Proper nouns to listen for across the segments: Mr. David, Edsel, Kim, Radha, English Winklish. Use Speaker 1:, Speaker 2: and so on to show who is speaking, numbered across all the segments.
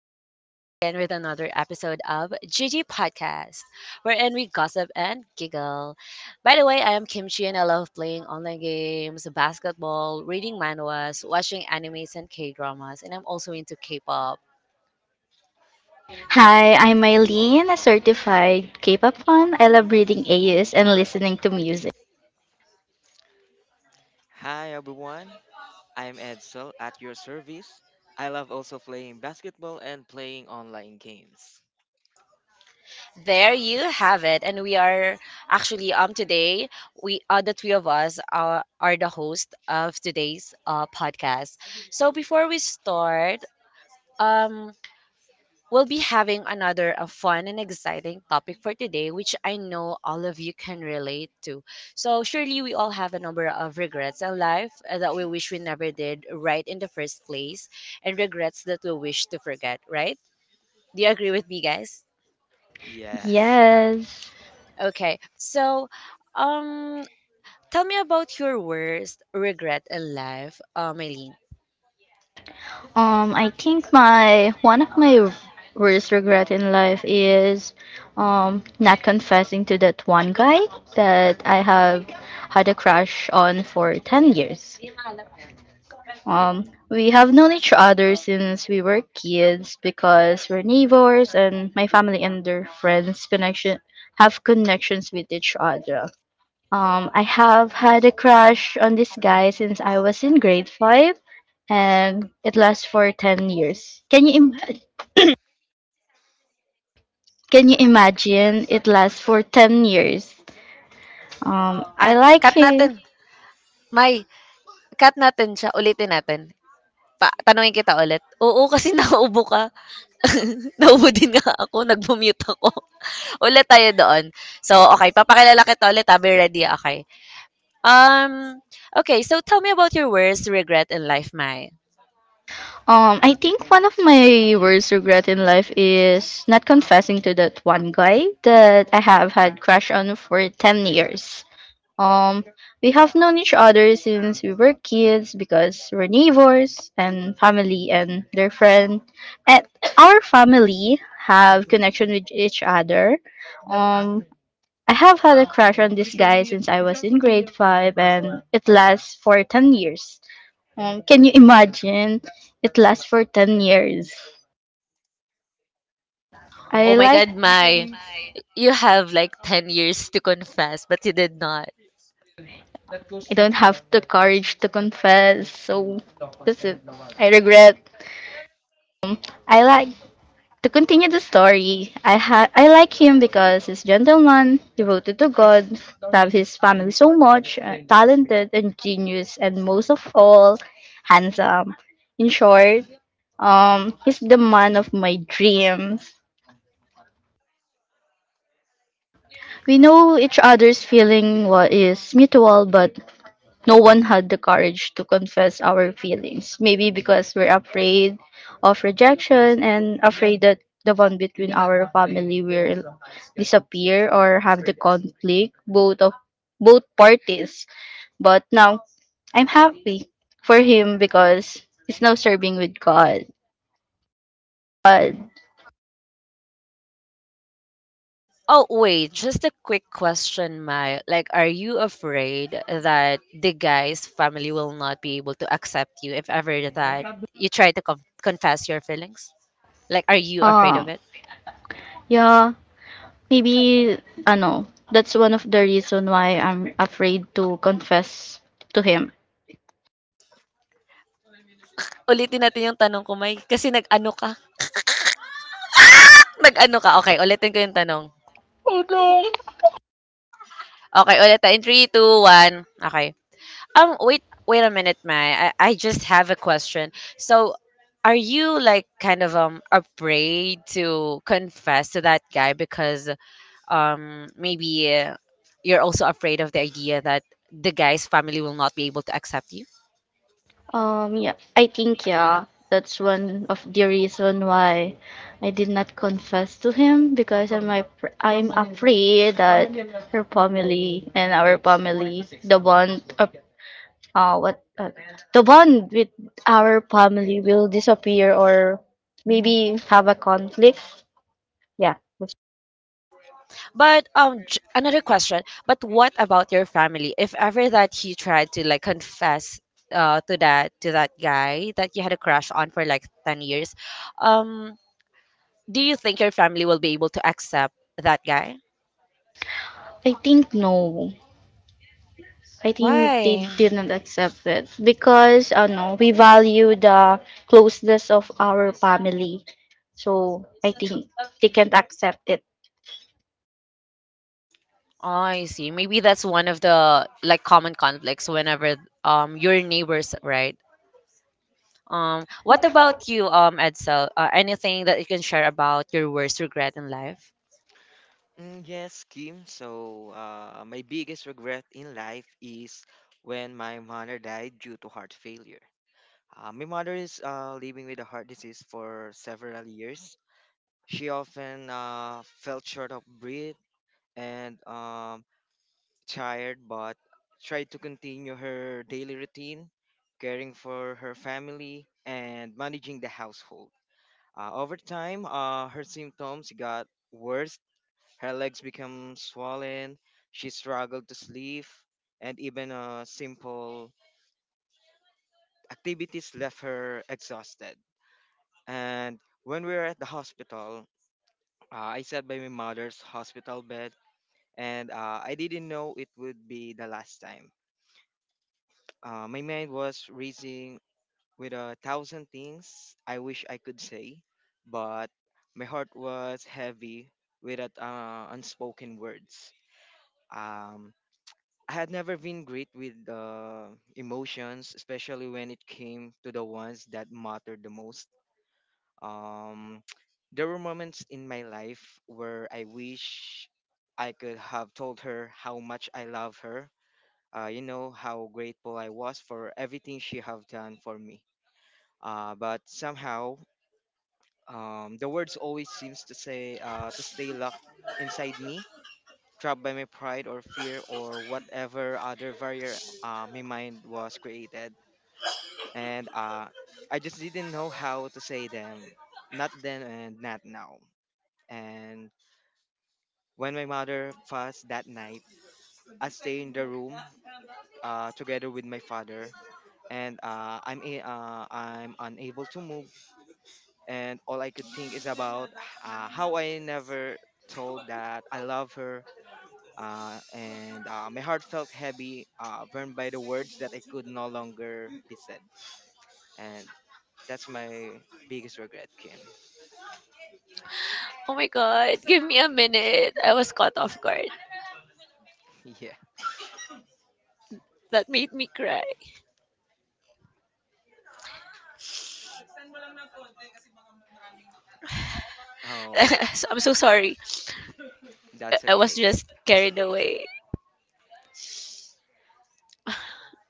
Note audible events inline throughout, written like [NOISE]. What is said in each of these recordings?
Speaker 1: We are back again with another episode of Gigi Podcast, wherein we gossip and giggle. By the way, I am Kimchi and I love playing online games, basketball, reading manhwas, watching animes and K dramas, and I'm also into K pop.
Speaker 2: Hi, I'm Eileen, a certified K-pop fan. I love reading AUs and listening to music.
Speaker 3: Hi everyone, I'm Edsel at your service. I love also playing basketball and playing online games.
Speaker 1: There you have it. And we are today, we the three of us are the host of today's podcast. So before we start, um we'll be having another fun and exciting topic for today, which I know all of you can relate to. So, surely we all have a number of regrets in life that we wish we never did right in the first place, and regrets that we wish to forget, right? Do you agree with me, guys?
Speaker 3: Yes. [LAUGHS]
Speaker 2: Yes.
Speaker 1: Okay, so um, tell me about your worst regret in life, Maylene.
Speaker 2: I think my one of my worst regret in life is not confessing to that one guy that I have had a crush on for 10 years. Um, we have known each other since we were kids because we're neighbors and my family and their friends connection, have connections with each other. I have had a crush on this guy since I was in grade five, and it lasts for 10 years. Can you imagine? It lasts for 10 years. I
Speaker 1: Ah,
Speaker 2: like
Speaker 1: cut natin.
Speaker 2: him.
Speaker 1: May, cut natin siya. Ulitin natin. Pa tanungin kita ulit. Oo, kasi naubo ka. [LAUGHS] Naubo din nga ako, nagmu-mute ako. [LAUGHS] Ulit tayo doon. So, okay, papakilala kita ulit ha, ready, okay. Um, okay, so tell me about your worst regret in life, Mai.
Speaker 2: I think one of my worst regret in life is not confessing to that one guy that I have had crush on for 10 years. Um, we have known each other since we were kids because we're neighbors and family and their friend. And our family have connection with each other. Um, I have had a crush on this guy since I was in grade five, and it lasts for 10 years. Can you imagine? It lasts for 10 years. I
Speaker 1: Oh my
Speaker 2: like.
Speaker 1: God, Mai, you have like 10 years to confess, but you did not.
Speaker 2: I don't have the courage to confess, so that's it. I regret. I like to continue the story, I like him because he's gentleman, devoted to God, loved his family so much, talented, ingenious, and most of all, handsome. In short, he's the man of my dreams. We know each other's feeling what is mutual, but no one had the courage to confess our feelings. Maybe because we're afraid of rejection and afraid that the bond between our family will disappear or have the conflict both parties. But now I'm happy for him because he's now serving with God. But
Speaker 1: Oh, wait, just a quick question, Mai. Like, are you afraid that the guy's family will not be able to accept you if ever that you try to confess your feelings? Like, are you afraid
Speaker 2: uh,
Speaker 1: of it?
Speaker 2: yeah, maybe ano, that's one of the reason why I'm afraid to confess to him.
Speaker 1: Ulitin natin yung tanong ko, Mai. Kasi nag-ano ka? Nag-ano ka? Okay, ulitin ko yung tanong. Okay, ulitin. In three, two, one. Okay. Wait, wait a minute, Mai. I just have a question. So, are you like kind of afraid to confess to that guy because maybe you're also afraid of the idea that the guy's family will not be able to accept you?
Speaker 2: Yeah, I think yeah, that's one of the reason why I did not confess to him because I'm afraid that her family and our family, the bond of what the bond with our family will disappear or maybe have a conflict. Yeah, that's-
Speaker 1: But another question, but what about your family? If ever that you tried to like confess to that guy that you had a crush on for like 10 years, um do you think your family will be able to accept that guy?
Speaker 2: I think no. I think they
Speaker 1: Why?
Speaker 2: didn't accept it because I know we value the closeness of our family. So I think they can't accept it.
Speaker 1: Oh, I see. Maybe that's one of the like common conflicts whenever your neighbors, right? What about you, Edsel? Anything that you can share about your worst regret in life?
Speaker 3: Yes, Kim. So, my biggest regret in life is when my mother died due to heart failure. My mother is living with a heart disease for several years. She often felt short of breath and tired but tried to continue her daily routine, caring for her family and managing the household. Over time, her symptoms got worse. Her legs became swollen, she struggled to sleep, and even simple activities left her exhausted. And when we were at the hospital, I sat by my mother's hospital bed, and I didn't know it would be the last time. My mind was racing with a thousand things I wish I could say, but my heart was heavy with that, unspoken words. Um, I had never been great with emotions, especially when it came to the ones that mattered the most. Um, [TSK] there were moments in my life where I wish I could have told her how much I love her. You know how grateful I was for everything she have done for me. But somehow the words always seems to say to stay locked inside me, trapped by my pride or fear or whatever other barrier my mind was created, and I just didn't know how to say them, not then and not now. And when my mother passed that night, I stay in the room together with my father, and I'm unable to move and all I could think is about how I never told that I love her. And My heart felt heavy, burned by the words that I could no longer be said. And that's my biggest regret, Kim.
Speaker 1: Oh my god, give me a minute. I was caught off guard.
Speaker 3: [LAUGHS] yeah.
Speaker 1: That made me cry.
Speaker 3: Oh,
Speaker 1: [LAUGHS] So- I'm so sorry. I
Speaker 3: that's
Speaker 1: I was
Speaker 3: okay. That
Speaker 1: just carried away.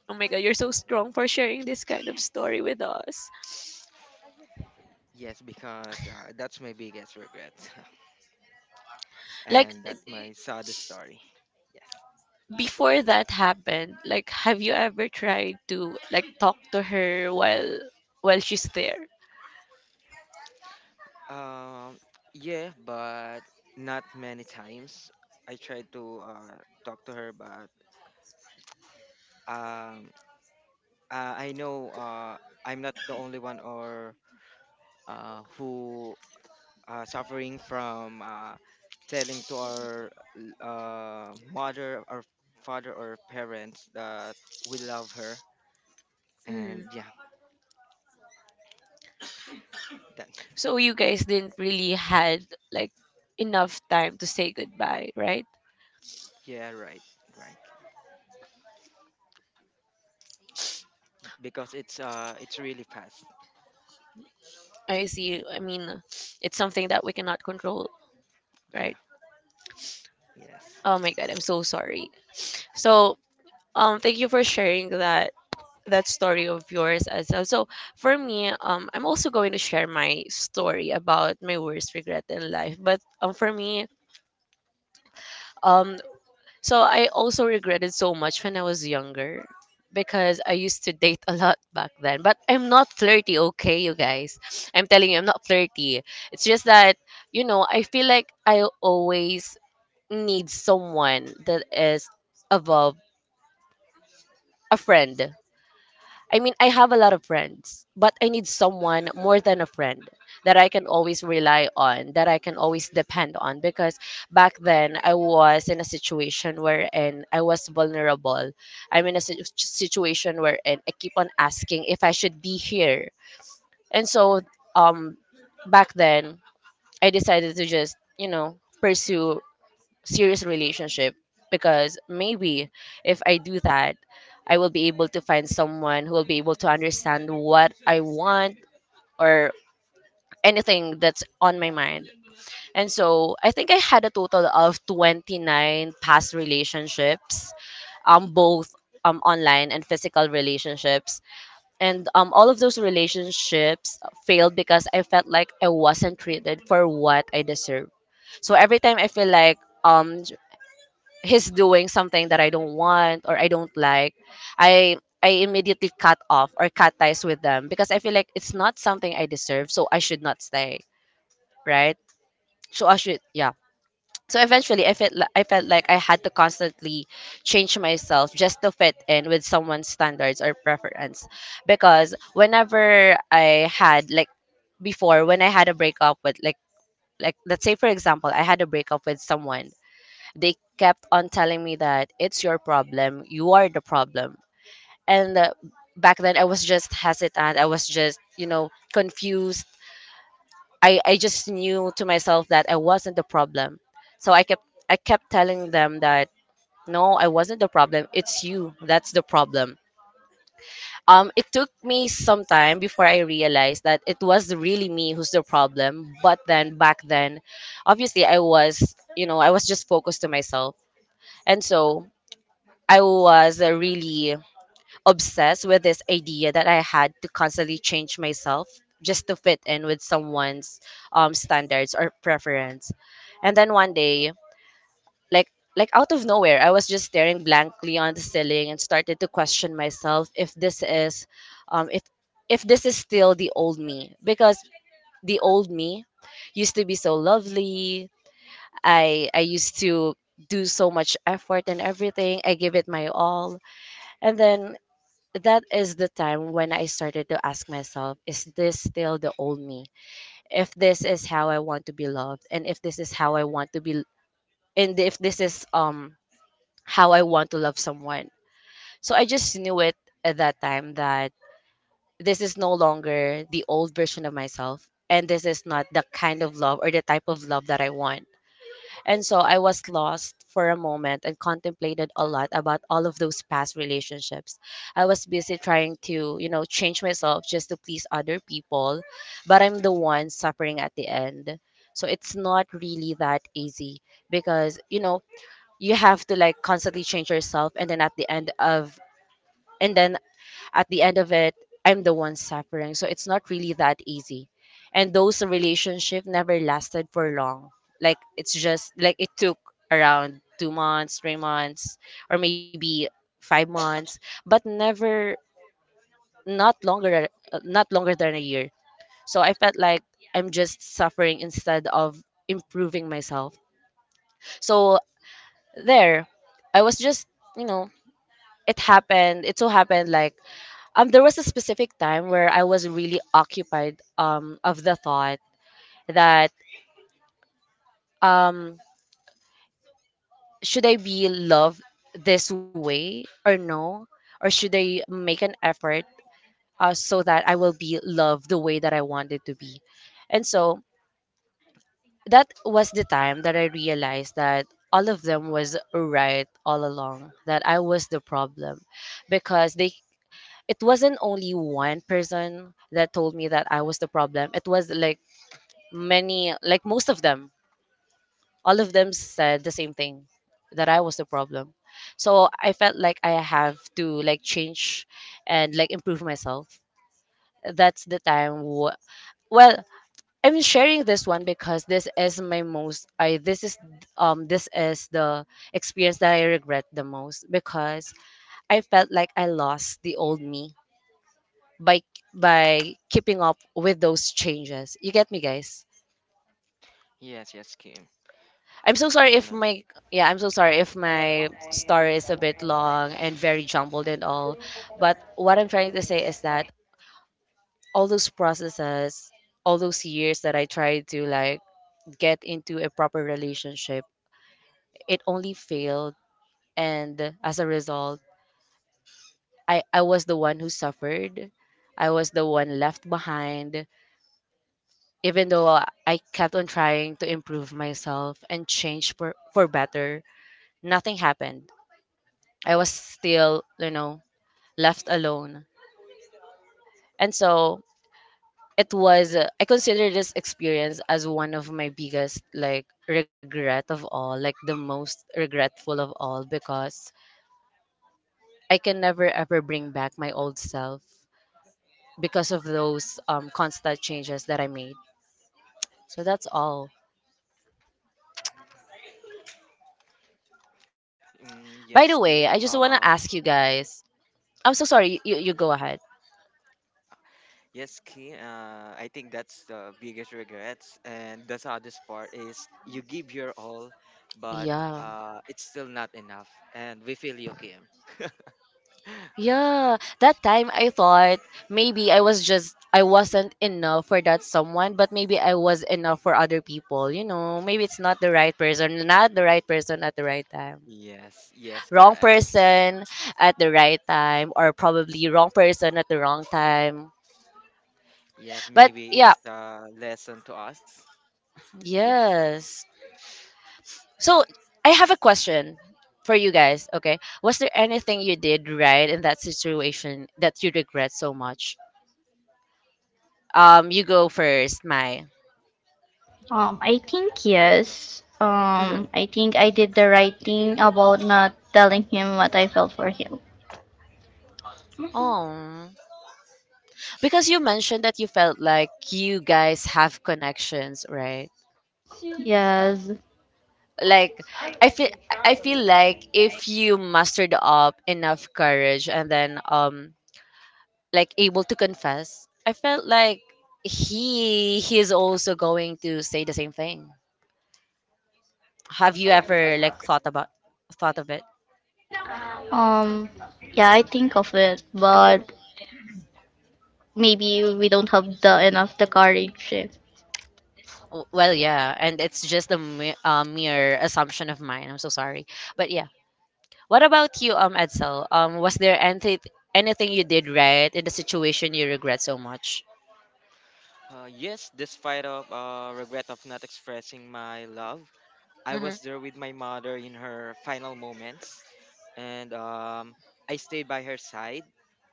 Speaker 1: Oh my god, you're so strong for sharing this kind of story with us.
Speaker 3: yes, because that's my biggest regret, [LAUGHS]
Speaker 1: Like
Speaker 3: and that's my saddest story. Yes.
Speaker 1: before that happened, like have you ever tried to like talk to her while she's there?
Speaker 3: Um. Yeah, but not many times. I tried to talk to her, but um I know I'm not the only one or who suffering from telling to our mother or father or parents that we love her
Speaker 1: Mm.
Speaker 3: and yeah that
Speaker 1: So you guys didn't really had like enough time to say goodbye, right?
Speaker 3: yeah right right because it's really fast.
Speaker 1: I see. I mean, it's something that we cannot control, right?
Speaker 3: Yeah. Yes.
Speaker 1: Oh my god, I'm so sorry. So, thank you for sharing that story of yours as well. So, for me, I'm also going to share my story about my worst regret in life, but for me, um so I also regretted so much when I was younger because I used to date a lot back then. But I'm not flirty, okay, you guys. I'm telling you, I'm not flirty. It's just that, you know, I feel like I always need someone that is above a friend. I mean, I have a lot of friends, but I need someone more than a friend that I can always rely on, that I can always depend on. Because back then, I was in a situation wherein I was vulnerable. I'm in a situation wherein I keep on asking if I should be here. And so, um, back then, I decided to just, you know, pursue serious relationship because maybe if I do that, I will be able to find someone who will be able to understand what I want or anything that's on my mind. And so I think I had a total of 29 past relationships, both online and physical relationships. And all of those relationships failed because I felt like I wasn't treated for what I deserve. So every time I feel like um he's doing something that I don't want or I don't like, I immediately cut off or cut ties with them because I feel like it's not something I deserve, so I should not stay, right? So I should, yeah. So eventually, I felt like I had to constantly change myself just to fit in with someone's standards or preference, because whenever I had like before when I had a breakup with like, let's say for example I had a breakup with someone, they kept on telling me that it's your problem, you are the problem. And back then I was just hesitant, I was just, you know, confused. I just knew to myself that I wasn't the problem. So I kept telling them that no, I wasn't the problem. It's you. That's the problem. It took me some time before I realized that it was really me who's the problem. But then back then, obviously I was, you know, I was just focused to myself. And so I was really obsessed with this idea that I had to constantly change myself just to fit in with someone's standards or preference. And then one day, like like out of nowhere, I was just staring blankly on the ceiling and started to question myself um, if if this is still the old me because the old me used to be so lovely. I used to do so much effort and everything. I give it my all. And then that is the time when I started to ask myself, is this still the old me? If this is how I want to be loved, and if this is how I want to be, and if this is how I want to love someone. So I just knew it at that time that this is no longer the old version of myself, and this is not the kind of love or the type of love that I want. And so I was lost for a moment and contemplated a lot about all of those past relationships. I was busy trying to, you know, change myself just to please other people, but I'm the one suffering at the end. So it's not really that easy because, you know, you have to like constantly change yourself and then and then at the end of it, I'm the one suffering. So it's not really that easy. And those relationship never lasted for long. Like it's just like it took around 2 months, 3 months, or maybe 5 months, but never not longer not longer than a year. So I felt like I'm just suffering instead of improving myself. So there, I was just, you know, it happened. It so happened like there was a specific time where I was really occupied of the thought that um should I be loved this way or no, or should I make an effort so that I will be loved the way that I wanted to be, and so that was the time that I realized that all of them was right all along that I was the problem because they it wasn't only one person that told me that I was the problem. It was like many like most of them, all of them said the same thing that I was the problem, so I felt like I have to like change and like improve myself. That's the time w- well, I'm sharing this one because this is my most I this is the experience that I regret the most because I felt like I lost the old me by keeping up with those changes, you get me guys?
Speaker 3: Yes. Yes, Kim.
Speaker 1: I'm so sorry if
Speaker 3: and um,
Speaker 1: my yeah, I'm so sorry if my story is a bit long and very jumbled and all. But what I'm trying to say is that all those processes, all those years that I tried to like get into a proper relationship, it only failed and as a result, I was the one who suffered. I was the one left behind even though I kept on trying to improve myself and change for better. Nothing happened. I was still, you know, left alone. And so it was, I consider this experience as one of my biggest, like, regret of all, like, the most regretful of all, because I can never ever bring back my old self because of those constant changes that I made. So that's all.
Speaker 3: yes
Speaker 1: By the
Speaker 3: Kim.
Speaker 1: way, I just want to ask you guys. I'm so sorry. You go ahead.
Speaker 3: Yes, Key. I think that's the biggest regrets, and the saddest part is you give your all, but
Speaker 1: Yeah.
Speaker 3: it's still not enough, and we feel you, Kim. [LAUGHS]
Speaker 1: Yeah, that time I thought maybe I wasn't enough for that someone, but maybe I was enough for other people. Maybe it's not the right person, not the right person at the right time.
Speaker 3: Yes, yes,
Speaker 1: Wrong
Speaker 3: correct.
Speaker 1: person at the right time or probably wrong person at the wrong time.
Speaker 3: Yes,
Speaker 1: But
Speaker 3: maybe
Speaker 1: yeah,
Speaker 3: it's a lesson to us. Yeah. [LAUGHS]
Speaker 1: yes. So, I have a question for you guys, okay? Was there anything you did right in that situation that you regret so much? You go first, Mai.
Speaker 2: I think yes.
Speaker 1: Mm-hmm.
Speaker 2: I think I did the right thing about not telling him what I felt for him.
Speaker 1: Oh, because you mentioned that you felt like you guys have connections, right?
Speaker 2: Yes.
Speaker 1: Like I feel I feel like if you mustered up enough courage and then like able to confess, I felt like he's also going to say the same thing. Have you ever like thought of it?
Speaker 2: Um, yeah, I think of it, but maybe we don't have the enough the courage.
Speaker 1: Well, yeah, and it's just a mere assumption of mine. I'm so sorry, but yeah. What about you, Edsel? Was there anything you did right in the situation you regret so much?
Speaker 3: Yes, despite of regret of not expressing my love, I
Speaker 1: Mm-hmm.
Speaker 3: was there with my mother in her final moments, and I stayed by her side.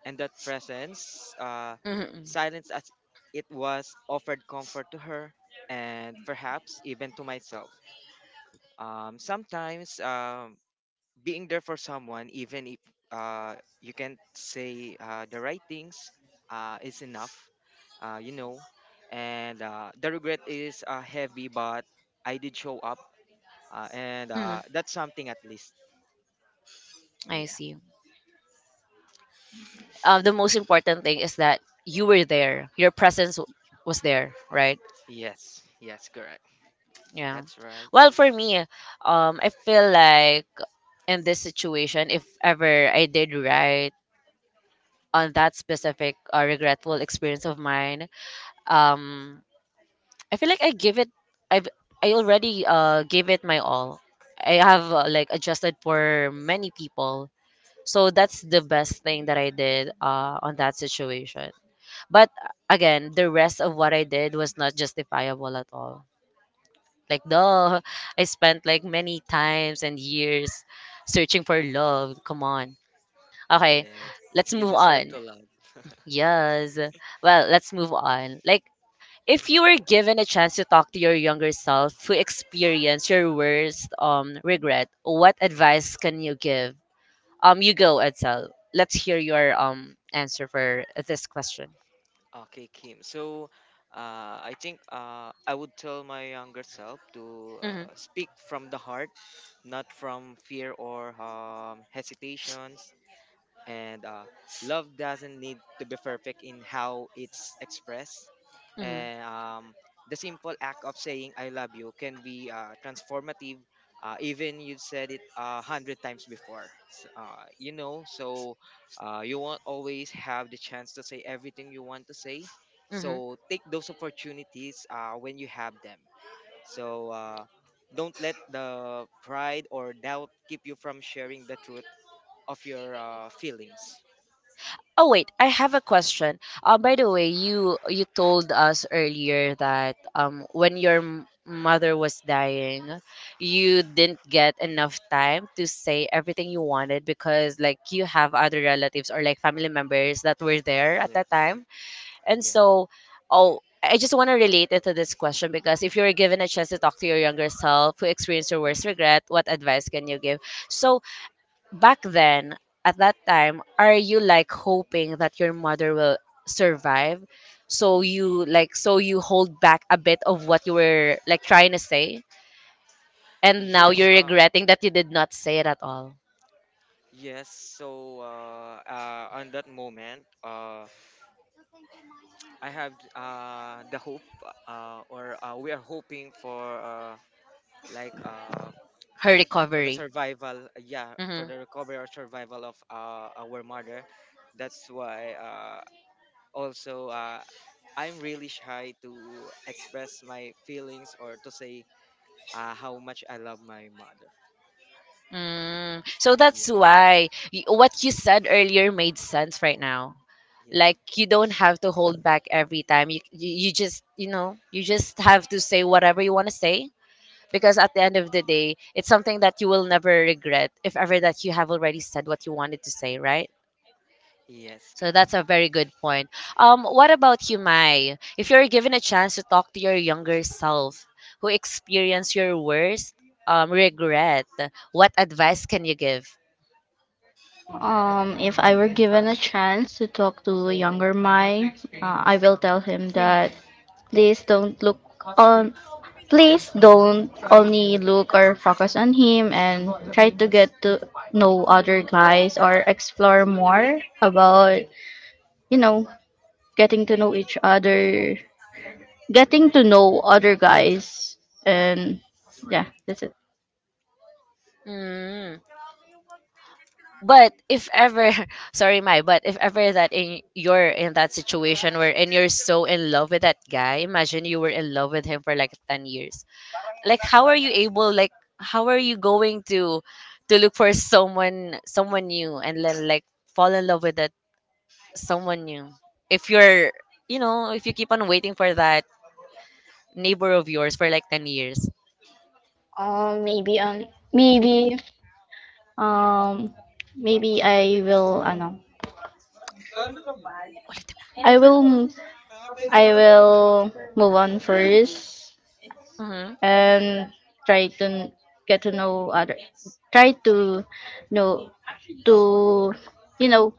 Speaker 3: And that presence,
Speaker 1: Mm-hmm.
Speaker 3: silence as it was, offered comfort to her and perhaps even to myself. Sometimes, being there for someone, even if uh, you can't say the right things, is enough, you know. And the regret is heavy, but I did show up uh, and
Speaker 1: Hmm.
Speaker 3: uh, that's something at least.
Speaker 1: I
Speaker 3: Yeah.
Speaker 1: see. The most important thing is that you were there. Your was there, right?
Speaker 3: Yes. Yes. Correct.
Speaker 1: Yeah.
Speaker 3: That's right.
Speaker 1: Well, for me, I feel like in this situation, if ever I did right on that specific regretful experience of mine, um, I feel like I've I already gave it my all. I have like adjusted for many people. So that's the best thing that I did on that situation. But again, the rest of what I did was not justifiable at all. Like duh, [LAUGHS] I spent like many times and years searching for love. Come on. Okay,
Speaker 3: Yes.
Speaker 1: let's
Speaker 3: You
Speaker 1: move
Speaker 3: deserve to
Speaker 1: on.
Speaker 3: love. [LAUGHS]
Speaker 1: Yes. Well, let's move on. Like if you were given a chance to talk to your younger self who experienced your worst regret, what advice can you give? You go, Edsel. Let's hear your answer for this question.
Speaker 3: Okay, Kim. So, I think I would tell my younger self to speak from the heart, not from fear or hesitations. And love doesn't need to be perfect in how it's expressed
Speaker 1: Mm-hmm.
Speaker 3: and the simple act of saying I love you can be transformative, even you've said it a hundred times before. You know, so you won't always have the chance to say everything you want to say,
Speaker 1: Mm-hmm.
Speaker 3: so take those opportunities when you have them. So don't let the pride or doubt keep you from sharing the truth of your feelings.
Speaker 1: Oh wait, I have a question. By the way, you told us earlier that when your mother was dying, you didn't get enough time to say everything you wanted because like you have other relatives or like family members that were there at
Speaker 3: Yeah,
Speaker 1: that time. And
Speaker 3: yeah.
Speaker 1: so, oh, I just want to relate it to this question because if you were given a chance to talk to your younger self who experienced your worst regret, what advice can you give? So back then at that time are you like hoping that your mother will survive so
Speaker 3: Y-
Speaker 1: you like so you hold back a bit of what you were like trying to say and now you're
Speaker 3: yes,
Speaker 1: regretting that you did not say it at all.
Speaker 3: yes. So, on that moment, I have the hope, or we are hoping for like uh
Speaker 1: Her
Speaker 3: for the
Speaker 1: recovery.
Speaker 3: survival, yeah, for
Speaker 1: Mm-hmm.
Speaker 3: the recovery or survival of our mother. That's why also I'm really shy to express my feelings or to say how much I love my mother.
Speaker 1: Mm. So
Speaker 3: Yeah,
Speaker 1: that's why what you said earlier made sense right now,
Speaker 3: yeah,
Speaker 1: like you don't have to hold back every time you just you know you just have to say whatever you want to say because at the end of the day it's something that you will never regret if ever that you have already said what you wanted to say, right?
Speaker 3: yes.
Speaker 1: So that's a very good point. What about you, Mai? If you're given a chance to talk to your younger self who experienced your worst regret, what advice can you give?
Speaker 2: If I were given a chance to talk to a younger Mai, I will tell him that please don't look on, please don't only look or focus on him and try to get to know other guys or explore more about, you know, getting to know each other, getting to know other guys, and yeah, that's it.
Speaker 1: Mm. But if ever, [LAUGHS] sorry, Mai, but if ever that in you're in that situation where and you're so in love with that guy, imagine you were in love with him for like 10 years. Like how are you able like how are you going to look for someone new and then like fall in love with that someone new if you're you know if you keep on waiting for that neighbor of yours for like 10 years.
Speaker 2: Um, maybe um, maybe um, maybe I will, ano, I will I will move on first
Speaker 1: Hmm.
Speaker 2: and try to n- get to know other try to know to you know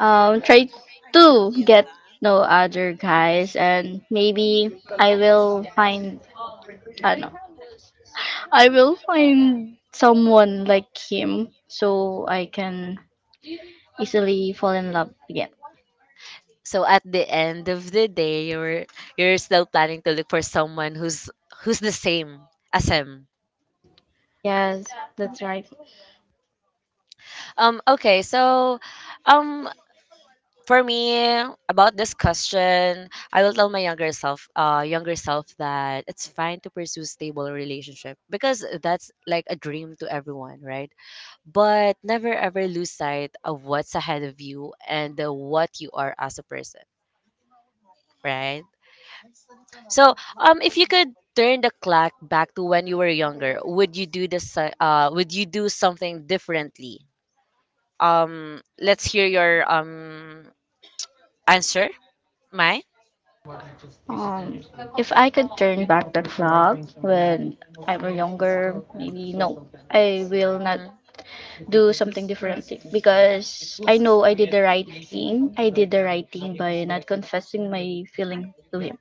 Speaker 2: try to get know other guys and maybe I will find I don't know I will find someone like him so I can easily fall in love again.
Speaker 1: So at the end of the day you're still planning to look for someone who's the same as him.
Speaker 2: Yes, that's right.
Speaker 1: Okay, so um for me, about this question, I will tell my younger self that it's fine to pursue stable relationship because that's like a dream to everyone, right? But never ever lose sight of what's ahead of you and what you are as a person, right? So, if you could turn the clock back to when you were younger, would you do this? Would you do something differently? Let's hear your answer, Mai.
Speaker 2: Um, if I could turn back the clock when I were younger, maybe no, I will not
Speaker 1: Hmm.
Speaker 2: do something differently because I know I did the right thing. I did the right thing by not confessing my feeling to him.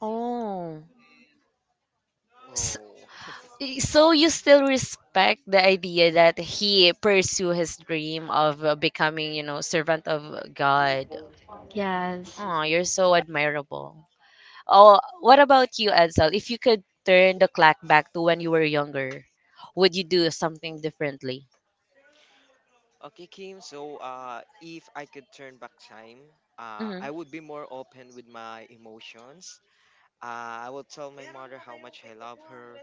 Speaker 1: Oh. S-
Speaker 3: Oh, [LAUGHS]
Speaker 1: So you still respect the idea that he pursue his dream of becoming, you know, servant of God.
Speaker 2: Yes.
Speaker 1: Oh, you're so admirable. Oh, what about you, Edsel? If you could turn the clock back to when you were younger, would you do something differently?
Speaker 3: okay, Kim. So, if I could turn back time,
Speaker 1: Mm-hmm.
Speaker 3: I would be more open with my emotions. I would tell my mother how much I love her,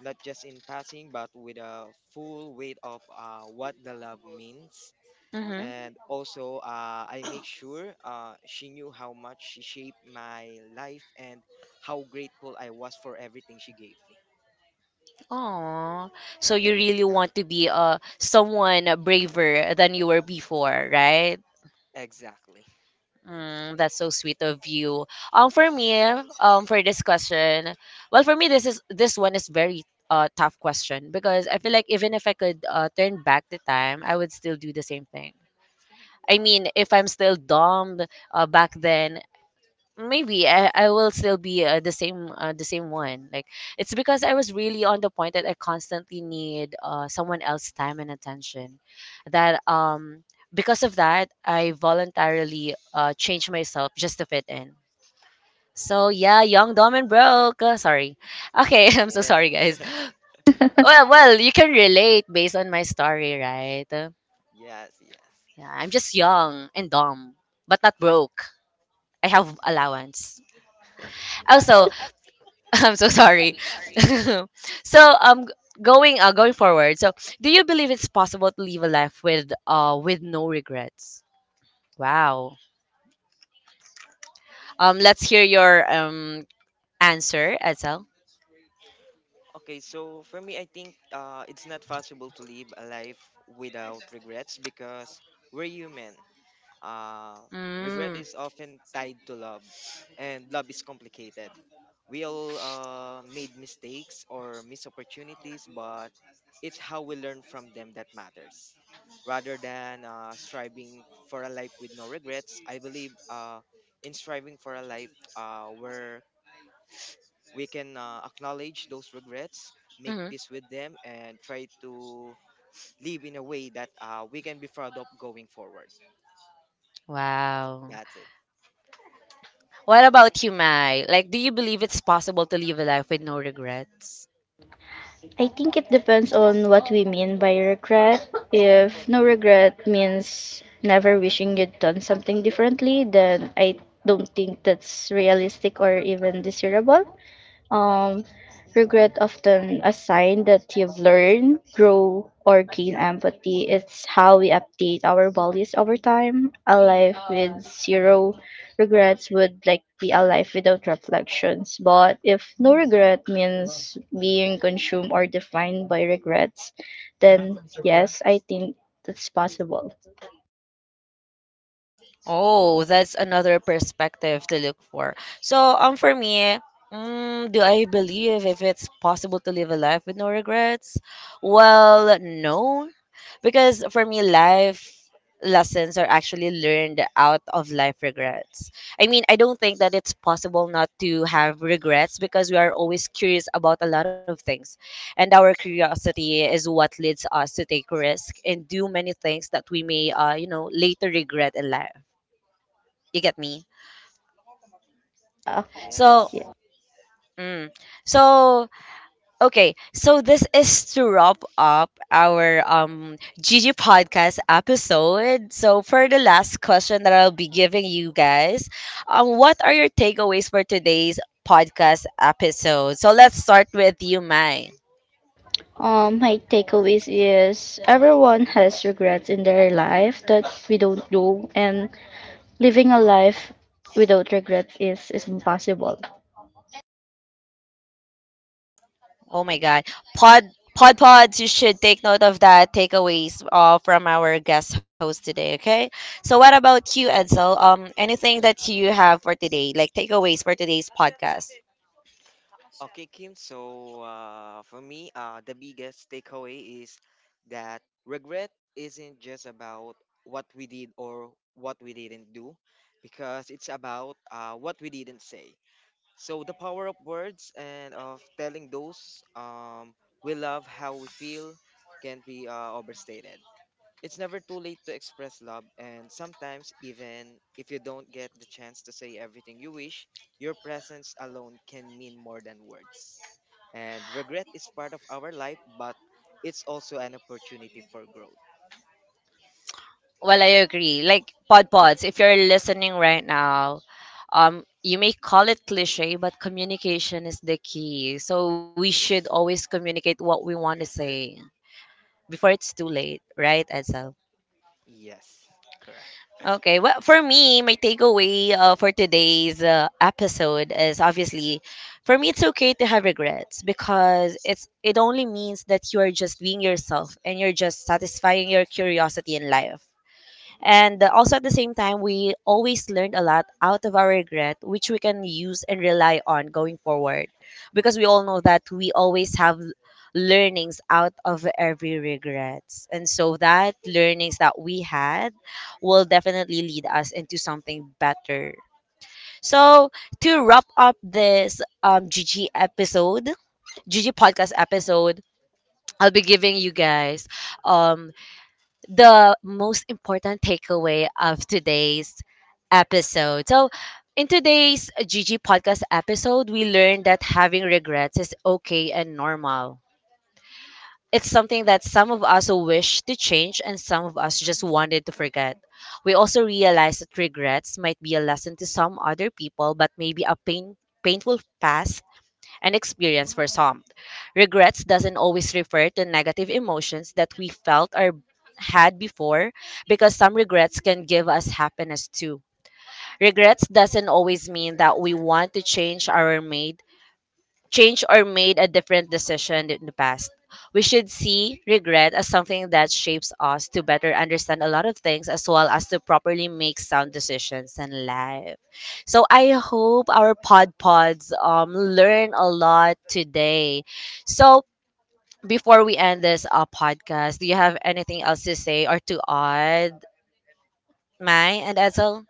Speaker 3: not just in passing, but with a full weight of what the love means.
Speaker 1: Mm-hmm.
Speaker 3: And also, I make sure she knew how much she shaped my life and how grateful I was for everything she gave me.
Speaker 1: Oh, so you really
Speaker 3: That's
Speaker 1: want to be someone braver than you were before, right?
Speaker 3: exactly. [LAUGHS]
Speaker 1: Mm, that's so sweet of you. For me, for this question, well, for me, this one is very tough question because I feel like even if I could turn back the time, I would still do the same thing. I mean, if I'm still dumb back then, maybe I will still be the same one, like it's because I was really on the point that I constantly need someone else's time and attention, that because of that I voluntarily changed myself just to fit in. So yeah, young, dumb, and broke. Sorry. Okay, [LAUGHS] I'm so
Speaker 3: Yes,
Speaker 1: sorry, guys.
Speaker 2: [LAUGHS]
Speaker 1: Well, you can relate based on my story, right?
Speaker 3: yes, yes.
Speaker 1: Yeah, I'm just young and dumb, but not broke. I have allowance also. [LAUGHS] I'm so sorry. [LAUGHS] So going going forward. So do you believe it's possible to live a life with no regrets? Wow. Let's hear your answer, Edsel.
Speaker 3: Okay, so for me, I think it's not possible to live a life without regrets because we're human. Uh, regret
Speaker 1: Mm.
Speaker 3: is often tied to love, and love is complicated. We all made mistakes or miss opportunities, but it's how we learn from them that matters. Rather than striving for a life with no regrets, I believe in striving for a life where we can acknowledge those regrets, make
Speaker 1: Hmm.
Speaker 3: peace with them, and try to live in a way that we can be proud of going forward.
Speaker 1: Wow.
Speaker 3: That's it.
Speaker 1: What about you, Mai? Like do you believe it's possible to live a life with no regrets?
Speaker 2: I think it depends on what we mean by regret. If no regret means never wishing you'd done something differently, then I don't think that's realistic or even desirable. Um, Regret often a sign that you've learned, grow, or gain empathy. It's how we update our values over time. A life with zero regrets would like be a life without reflections. But if no regret means being consumed or defined by regrets, then yes, I think that's possible.
Speaker 1: Oh, that's another perspective to look for. So, for me, mm, do I believe if it's possible to live a life with no regrets? Well, no, because for me, life lessons are actually learned out of life regrets. I mean, I don't think that it's possible not to have regrets because we are always curious about a lot of things, and our curiosity is what leads us to take risk and do many things that we may, later regret in life. You get me?
Speaker 2: Yeah.
Speaker 1: So,
Speaker 3: Yes.
Speaker 2: Yeah.
Speaker 1: mm, so okay. So this is to wrap up our Gigi podcast episode. So for the last question that I'll be giving you guys, what are your takeaways for today's podcast episode? So let's start with you, Mai.
Speaker 2: My takeaways is everyone has regrets in their life that we don't do, and living a life without regret is impossible.
Speaker 1: Oh my God. Pod pod pods, you should take note of that takeaways from our guest host today, okay? So what about you, Edsel? Anything that you have for today, like takeaways for today's podcast?
Speaker 3: Okay, Kim. So, for me, the biggest takeaway is that regret isn't just about what we did or what we didn't do, because it's about what we didn't say. So the power of words and of telling those we love how we feel can be overstated. It's never too late to express love, and sometimes even if you don't get the chance to say everything you wish, your presence alone can mean more than words. And regret is part of our life, but it's also an opportunity for growth.
Speaker 1: Well, I agree. Like pod pods, if you're listening right now, you may call it cliche, but communication is the key. So we should always communicate what we want to say before it's too late, right, Edsel?
Speaker 3: Yes, correct.
Speaker 1: Okay. Well, for me, my takeaway for today's episode is obviously, for me, it's okay to have regrets because it only means that you are just being yourself and you're just satisfying your curiosity in life. And also at the same time, we always learned a lot out of our regret, which we can use and rely on going forward. Because we all know that we always have learnings out of every regrets. And so that learnings that we had will definitely lead us into something better. So to wrap up this GG episode, GG podcast episode, I'll be giving you guys um the most important takeaway of today's episode. So, in today's GG podcast episode, we learned that having regrets is okay and normal. It's something that some of us wish to change and some of us just wanted to forget. We also realized that regrets might be a lesson to some other people, but maybe a painful past an experience for some. Regrets doesn't always refer to negative emotions that we felt or had before because some regrets can give us happiness too. Regrets doesn't always mean that we want to change our made changed or made a different decision in the past. We should see regret as something that shapes us to better understand a lot of things as well as to properly make sound decisions in life. So I hope our pod pods learn a lot today. So before we end this podcast, do you have anything else to say or to add, Mai and Ezel?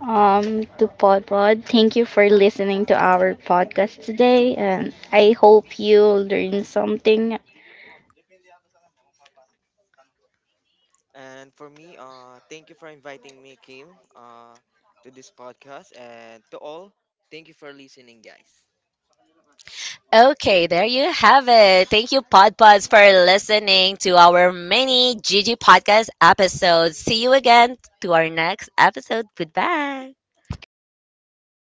Speaker 2: To Pod Pod, thank you for listening to our podcast today, and I hope you learn something
Speaker 3: And for me, thank you for inviting me, Kim, to this podcast. And to all, thank you for listening, guys.
Speaker 1: Okay, there you have it. Thank you, PodPods, for listening to our mini Gigi podcast episode. See you again to our next episode. Goodbye.